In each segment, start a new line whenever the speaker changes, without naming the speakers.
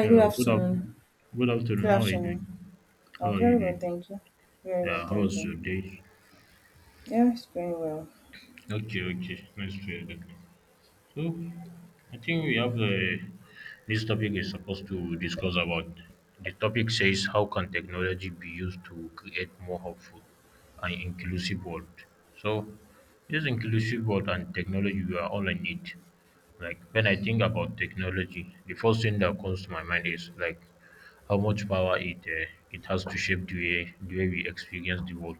Hello, good afternoon. How are you doing? How are you doing? Yeah, how was your day? Okay, okay. Nice to hear that. So, I think this topic is supposed to discuss about. The topic says how can technology be used to create more hopeful and inclusive world. So, this inclusive world and technology we are all in it. Like when I think about technology, the first thing that comes to my mind is like how much power it has to shape the way we experience the world,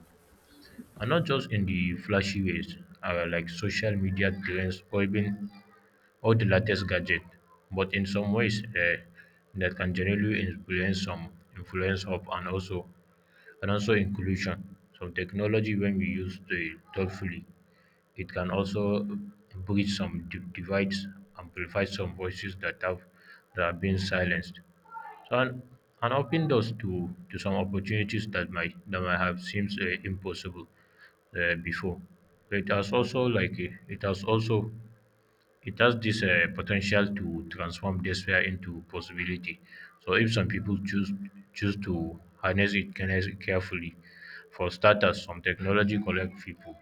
and not just in the flashy ways, like social media trends or the latest gadget. But in some ways, that can generally influence of and also inclusion. Some technology, when we use it thoughtfully, it can also bridge some divides and amplify some voices that are being silenced. So, and open doors to some opportunities that might have seemed impossible before. It has also like it has also It has this potential to transform despair into possibility. So if some people choose to harness it carefully. For starters, some technology collect people,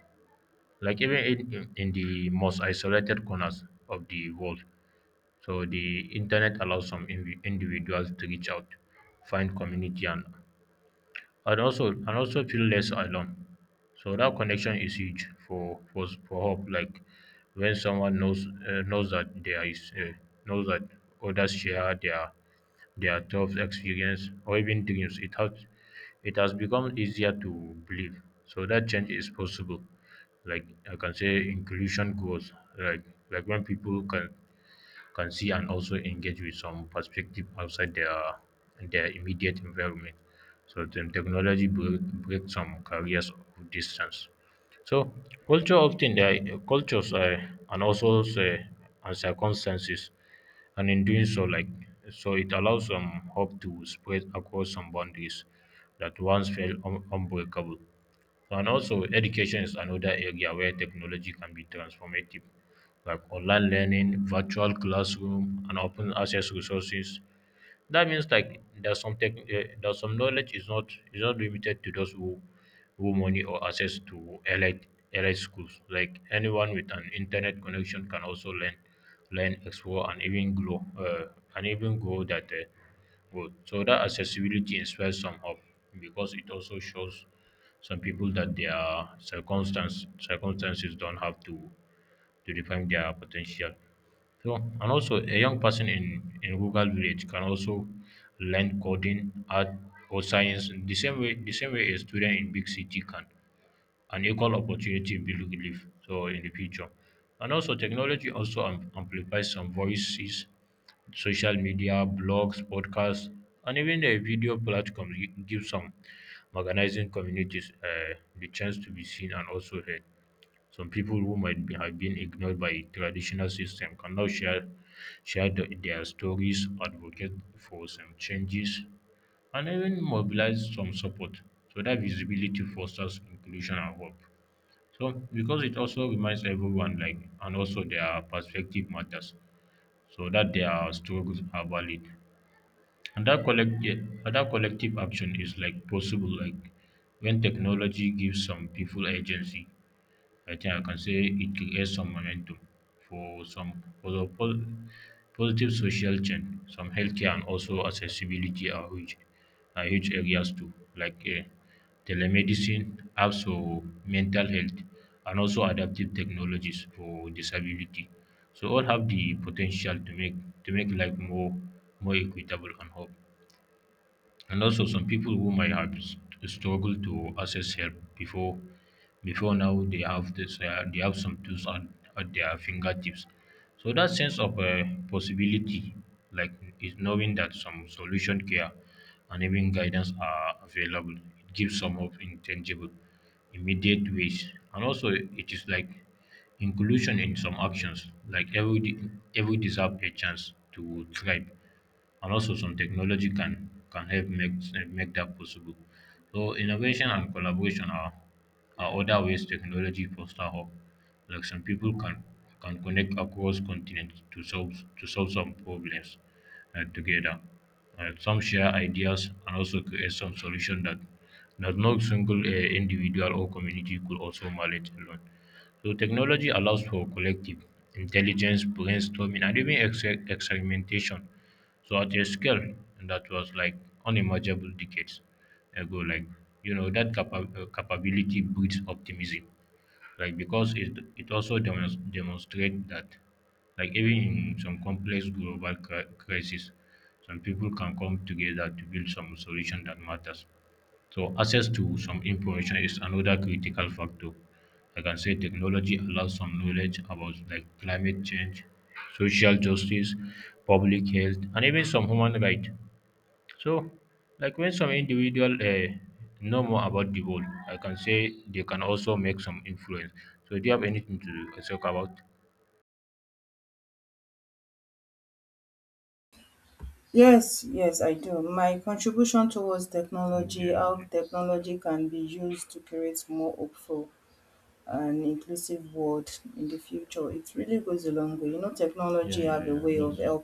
like even in the most isolated corners of the world. So the internet allows some individuals to reach out, find community, and also feel less alone. So that connection is huge for hope. Like when someone knows that knows that others share their tough experience or even dreams, it has become easier to believe. So that change is possible. Like I can say, inclusion grows. Like like when people can see and also engage with some perspective outside their immediate environment. So then technology breaks some barriers of distance. So culture often the cultures, and also say, and circumstances, and in doing so, it allows some hope to spread across some boundaries that once felt unbreakable. And also, education is another area where technology can be transformative, like online learning, virtual classroom, and open access resources. That means like there's some knowledge is not limited to those who money or access to elite schools. Like anyone with an internet connection can also learn, explore, and even grow that growth. So that accessibility inspires some hope because it also shows some people that their circumstances don't have to define their potential. So, and also a young person in rural village can also learn coding, art or science in the same way a student in big city can. An equal opportunity build belief so in the future. And also technology also amplifies some voices, social media, blogs, podcasts, and even a video platform gives some organizing communities the chance to be seen and also heard. Some people who have been ignored by traditional system can now share their stories, advocate for some changes, and even mobilize some support. So that visibility fosters inclusion and hope. So because it also reminds everyone like and also their perspective matters. So that their struggles are valid. And that collective action is like possible, like when technology gives some people agency. I think I can say it creates some momentum for the positive social change. Some healthcare and also accessibility are huge areas too, like telemedicine, apps for mental health, and also adaptive technologies for disability. So all have the potential to make life more equitable and hope. And also, some people who might have struggled to access help before now they they have some tools at their fingertips. So that sense of possibility, like is knowing that some solution care and even guidance are available, it gives some hope in tangible, immediate ways. And also, it is like inclusion in some actions, like every deserve a chance to thrive and also some technology can help make that possible. So innovation and collaboration are other ways technology foster hope. Like some people can connect across continents to solve some problems together. Some share ideas and also create some solution that no single individual or community could also manage alone. So technology allows for collective intelligence, brainstorming, and even ex experimentation. So at a scale that was like unimaginable decades ago, like you know that capability breeds optimism, like because it also demonstrates that like even in some complex global crisis, some people can come together to build some solution that matters. So access to some information is another critical factor. I can say technology allows some knowledge about like climate change, social justice, public health, and even some human rights. So, like when some individual know more about the world, I can say they can also make some influence. So, do you have anything to talk about? Okay, okay. Yeah, yeah, yeah. That's it.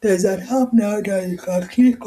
در ذات هم نه در کیک.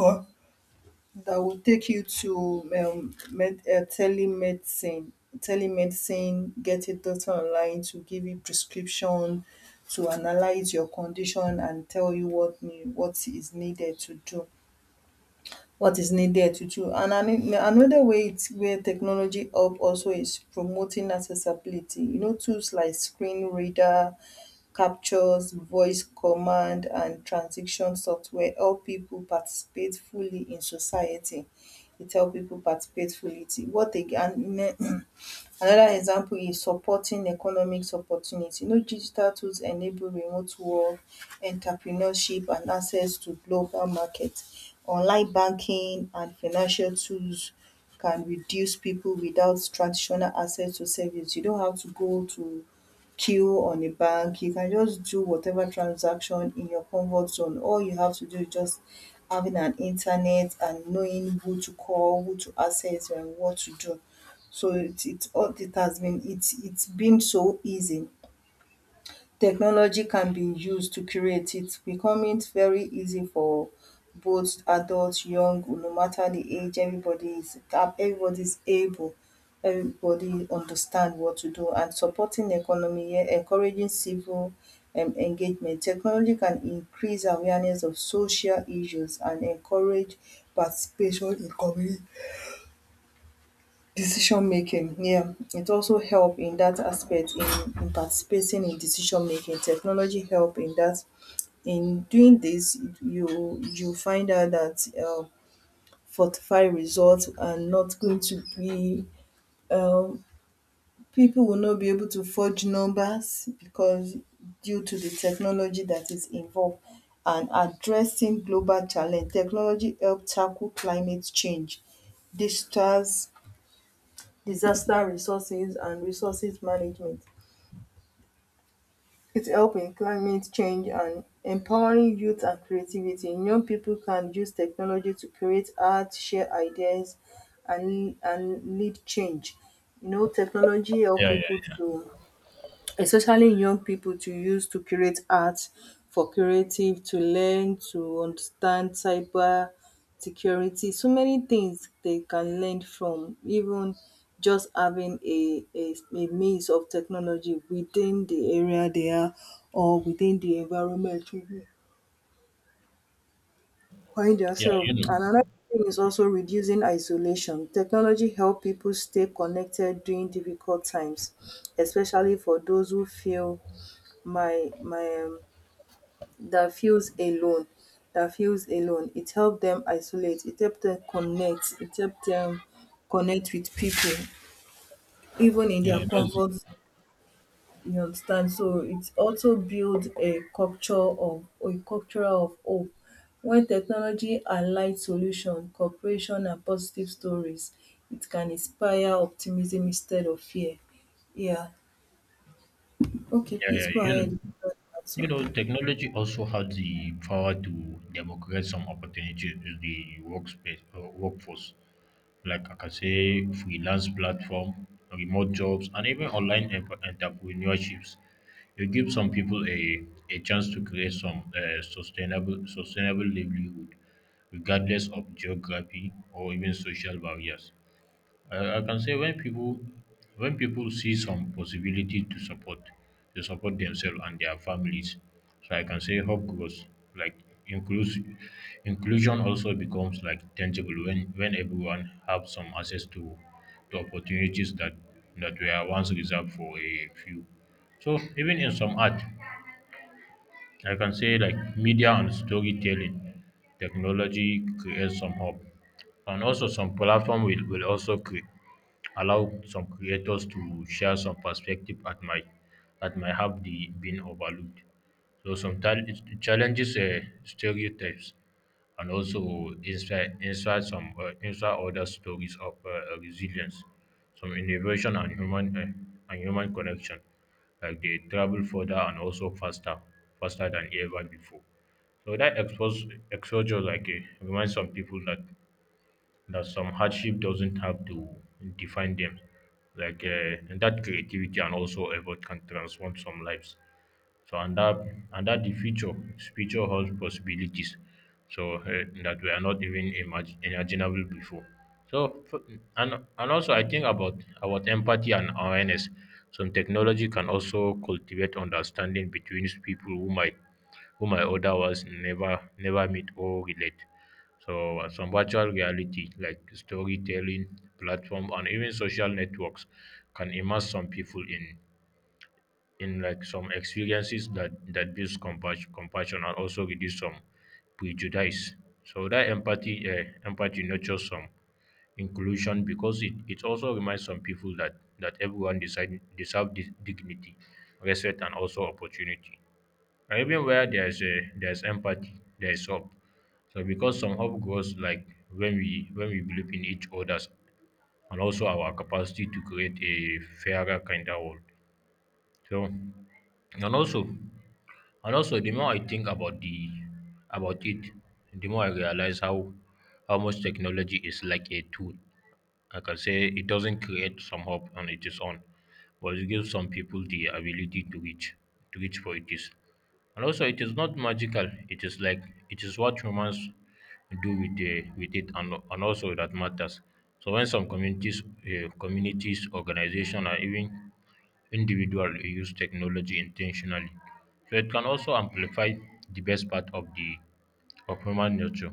Yeah, yeah, yeah. Yeah, Yeah, that's it. Yeah, yeah, You know, technology also has the power to democratize some opportunities in the workspace workforce. Like I can say, freelance platform, remote jobs, and even online entrepreneurships. It gives some people a chance to create some sustainable livelihood, regardless of geography or even social barriers. I can say when people see some possibility to support themselves and their families, so I can say hope grows. Like inclus- inclusion also becomes like tangible when everyone have some access to opportunities that were once reserved for a few. So even in some art I can say like media and storytelling, technology creates some hope, and also some platform will also create allow some creators to share some perspective that might have the been overlooked. So sometimes it challenges stereotypes and also inspire some inspire other stories of resilience, some innovation and human connection. Like they travel further and also faster than ever before. So that expose exposure like reminds some people that that some hardship doesn't have to define them. Like and that creativity and also effort can transform some lives. So and that the future holds possibilities. So uh, that were not even imaginable before. So and also I think about empathy and awareness. Some technology can also cultivate understanding between people who might otherwise never meet or relate. So, some virtual reality like storytelling platform and even social networks can immerse some people in like some experiences that builds compassion and also reduce some prejudice. So that empathy nurtures some inclusion because it also reminds some people that that everyone deserve this dignity, respect, and also opportunity. And even where there's a there's empathy, there's hope. So because some hope grows like when we believe in each other's and also our capacity to create a fairer kinder world. So and also and also the more I think about it, the more I realize how much technology is like a tool. Like I can say it doesn't create some hope on its own, but it gives some people the ability to reach for it is. And also, it is not magical. It is like it is what humans do with it, and also that matters. So when some communities, organization, or even individual use technology intentionally, so it can also amplify the best part of the of human nature,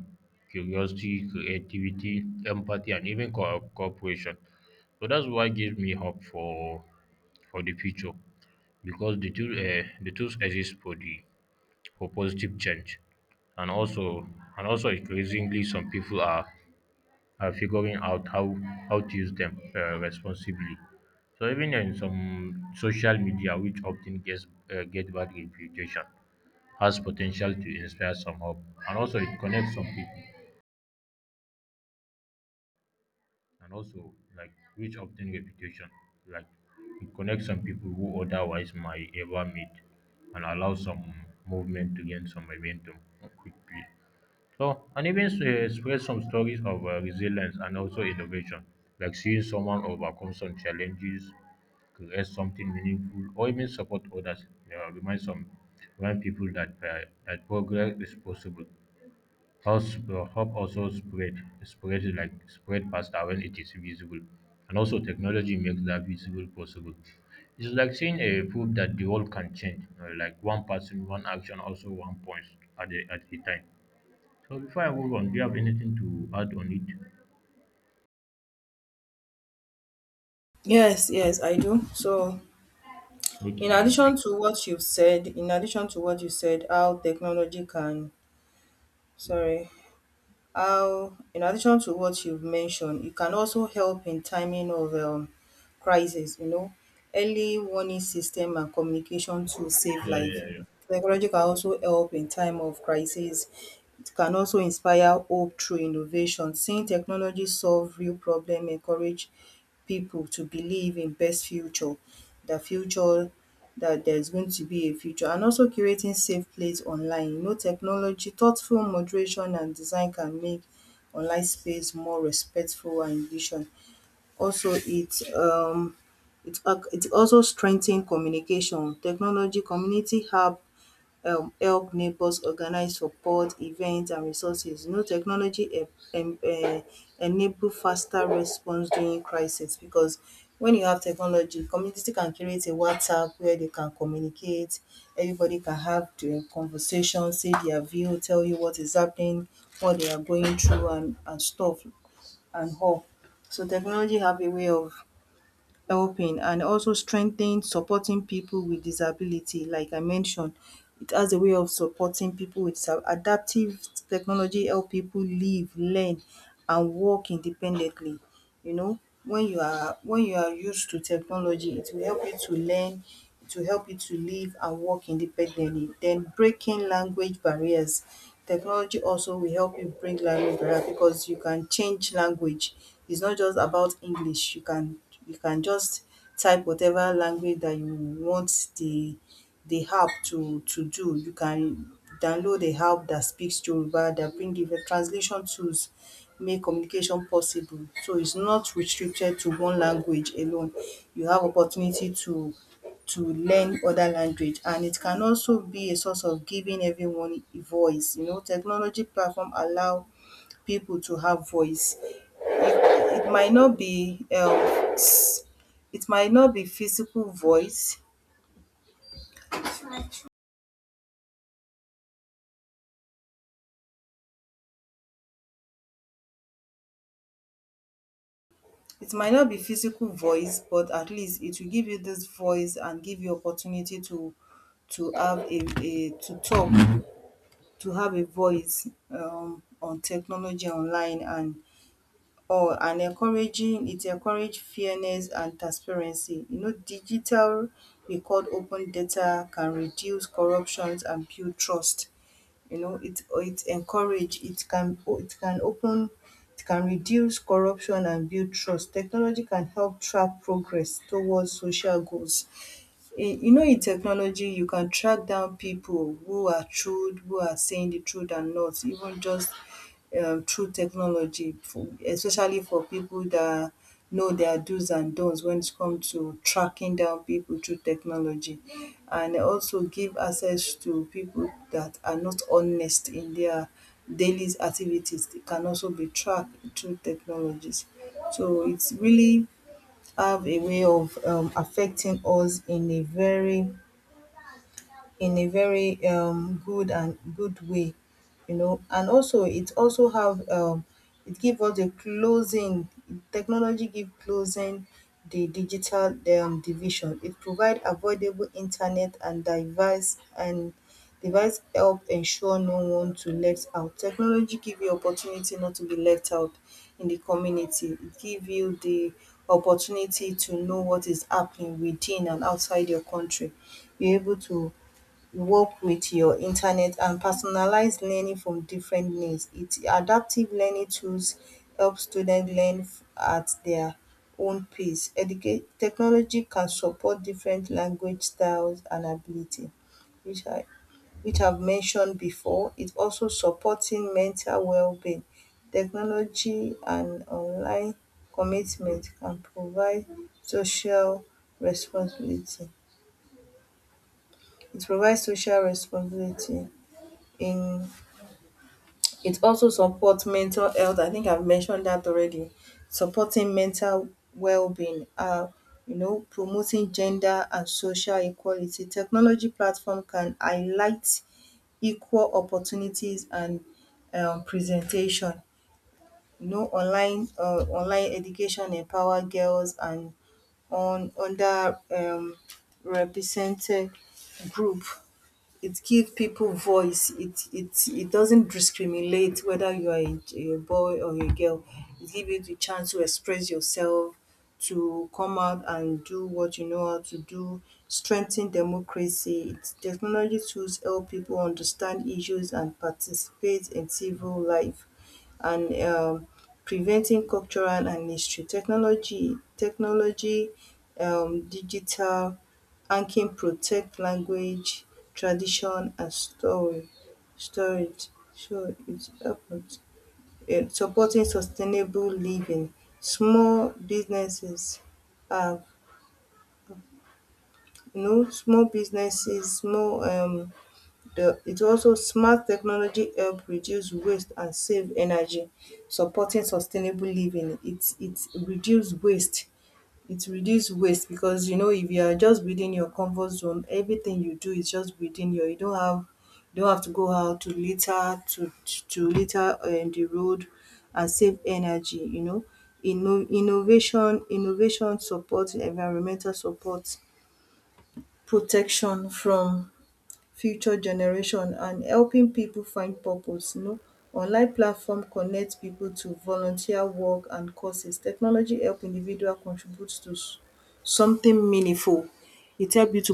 curiosity, creativity, empathy, and even cooperation. So that's what gives me hope for the future, because the tools exist for positive change and also increasingly some people are figuring out how to use them responsibly. So even in some social media, which often get bad reputation, has potential to inspire some hope and also it connects some people and also like which obtain reputation, like it connects some people who otherwise might ever meet and allows some movement to gain some momentum quickly. So, and even spread some stories of resilience and also innovation, like seeing someone overcome some challenges, create something meaningful, or even support others. Uh, remind some Remind people that that progress is possible. Hope, hope also spread faster when it is visible, and also technology makes that visible possible. It's like seeing a proof that the world can change, like one person, one action, also one point at a time. So before I move on, do you have anything to add on it? Okay, okay. Yeah, yeah,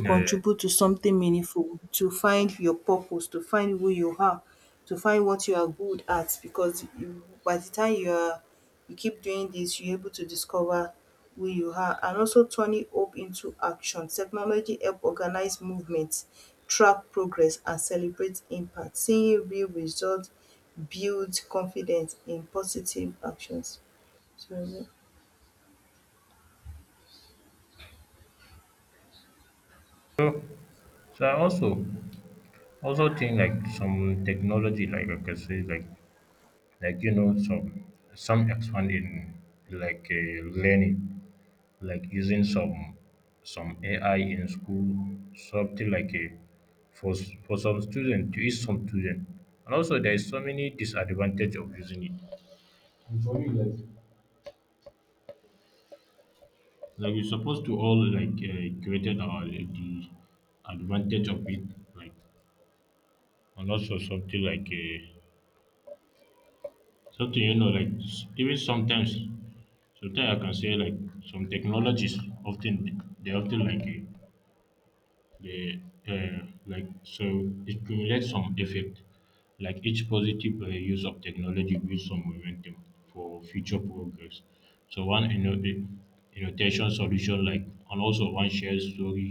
yeah. Yeah, yeah. So, so I also think like some technology, like I can say, like some expand in like learning, like using some AI in school, something like a for some student to each some student, and also there is so many disadvantage of using it. And for you, like we supposed to all like created our the advantage of it, like and also something like something you know even sometimes I can say like some technologies often they often like They like so it cumulates some effect. Like each positive use of technology builds some momentum for future progress. So annotation solution like and also one shared story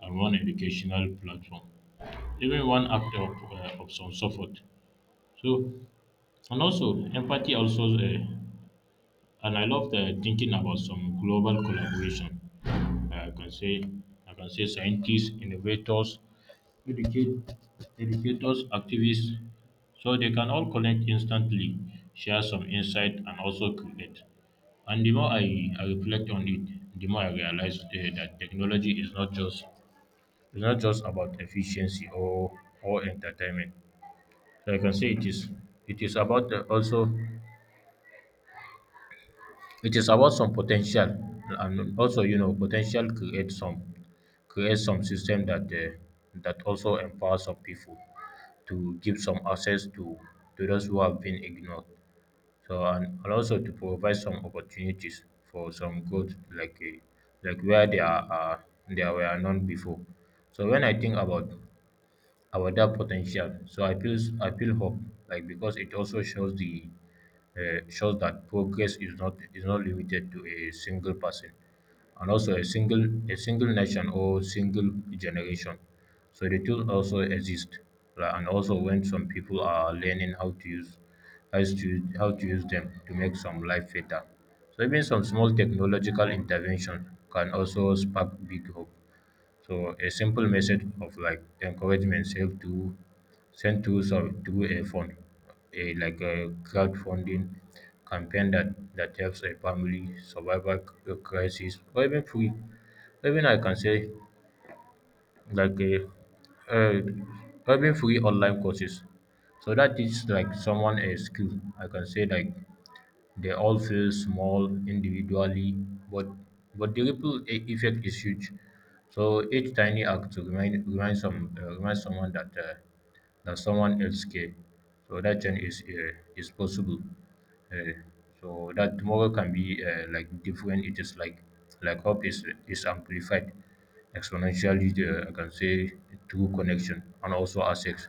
and one educational platform. Even one act of some support. So and also empathy also and I love the thinking about some global collaboration. I can say scientists, innovators, educate, educators, activists, so they can all connect instantly, share some insight, and also create. And the more I reflect on it, the more I realize that technology is not just it's not just about efficiency or entertainment. So I can say it is about also it is about some potential and also you know potential create some system that that also empowers some people to give some access to those who have been ignored so and also to provide some opportunities for some growth like where they are there were none before so when I think about that potential. So I feel hope, like because it also shows the shows that progress is not limited to a single person, and also a single nation or single generation. So the tools also exist, like, and also when some people are learning how to use them to make some life better. So even some small technological intervention can also spark big hope. So a simple message of like encouragement saved to sent through sorry through a fund, a crowdfunding campaign that helps a family survive a crisis or even free, or even I can say like a uh, or even free online courses. So that is like someone a skill. I can say like they all feel small individually, but but the effect is huge. So each tiny act to remind someone that that someone else care. So that change is possible. Uh, so that tomorrow can be like different. It is like hope is amplified exponentially. The, I can say through connection and also assets.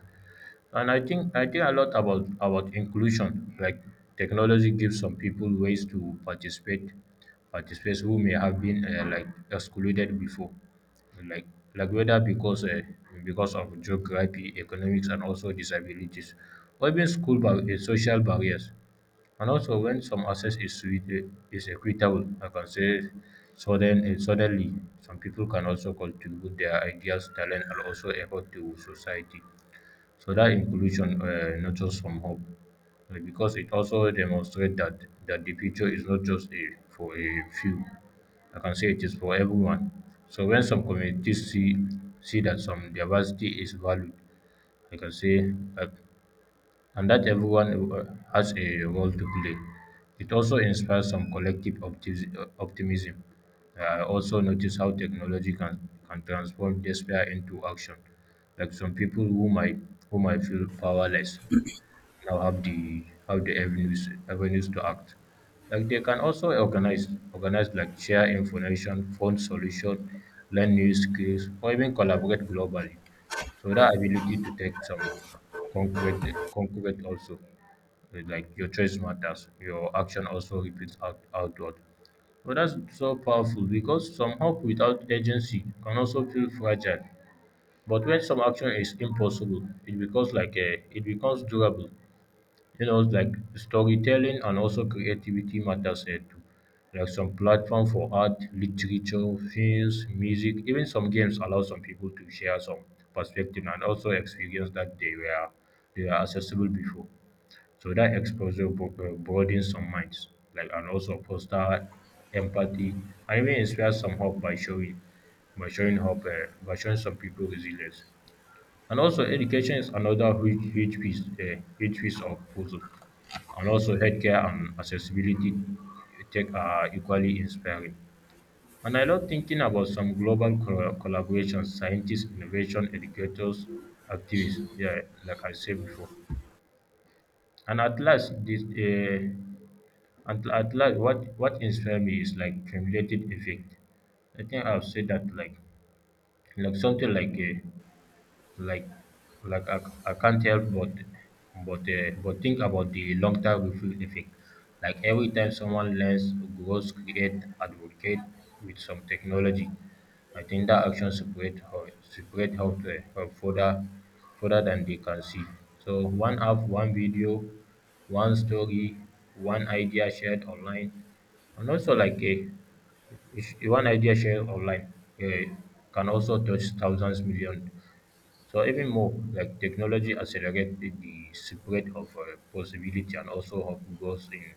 And I think a lot about inclusion. Like technology gives some people ways to participate, participate who may have been like excluded before, like like whether because of geography, economics, and also disabilities, or even social barriers. And also, when some access is sweet, is equitable, I can say suddenly some people can also contribute their ideas, talent, and also effort to society. So that inclusion nurtures from hope because it also demonstrates that, that the future is not just a, for a few. I can say it is for everyone. So when some communities see that some diversity is valued, I can say like and that everyone has a role to play. It also inspires some collective optimism. I also notice how technology can transform despair into action. Like some people who might feel powerless now have the avenues to act. Like they can also organize like share information, find solution, learn new skills, or even collaborate globally. So that ability to take some concrete concrete also eh, like your choice matters. Your action also repeats outward. But that's so powerful because some hope without agency can also feel fragile. But when some action is impossible, it becomes it becomes durable, you know, like storytelling and also creativity matters here too. Like some platform for art, literature, films, music, even some games allow some people to share some perspective and also experience that they were accessible before. So that exposure broadens some minds, like and also foster empathy and even inspire some hope by showing hope by showing some people resilience. And also education is another huge piece of puzzle. And also healthcare and accessibility tech are equally inspiring. And I love thinking about some global collaborations, scientists, innovation, educators, activists. Yeah, like I said before. And at last, this at last, what inspired me is like cumulative effect. I think I've said that like something like a like like I can't help but but think about the long term effect. Like every time someone learns, grows, create, advocate with some technology, I think that action separate how to how further further than they can see. So one app, one video, one story, one idea shared online, and also like a if one idea shared online uh, can also touch thousands millions. So even more, like technology accelerated the spread of possibility and also hope grows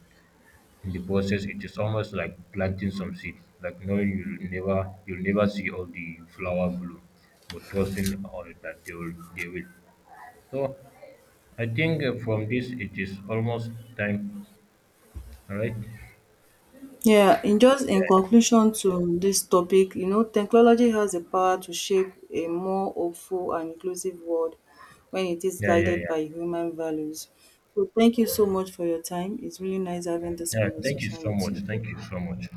in the process. It is almost like planting some seed, like knowing you'll never you'll never see all the flower bloom, but trusting all that they will. So I think from this it is almost time, all right? Yeah, yeah, yeah, yeah. Yeah, thank you so much. Thank you so much.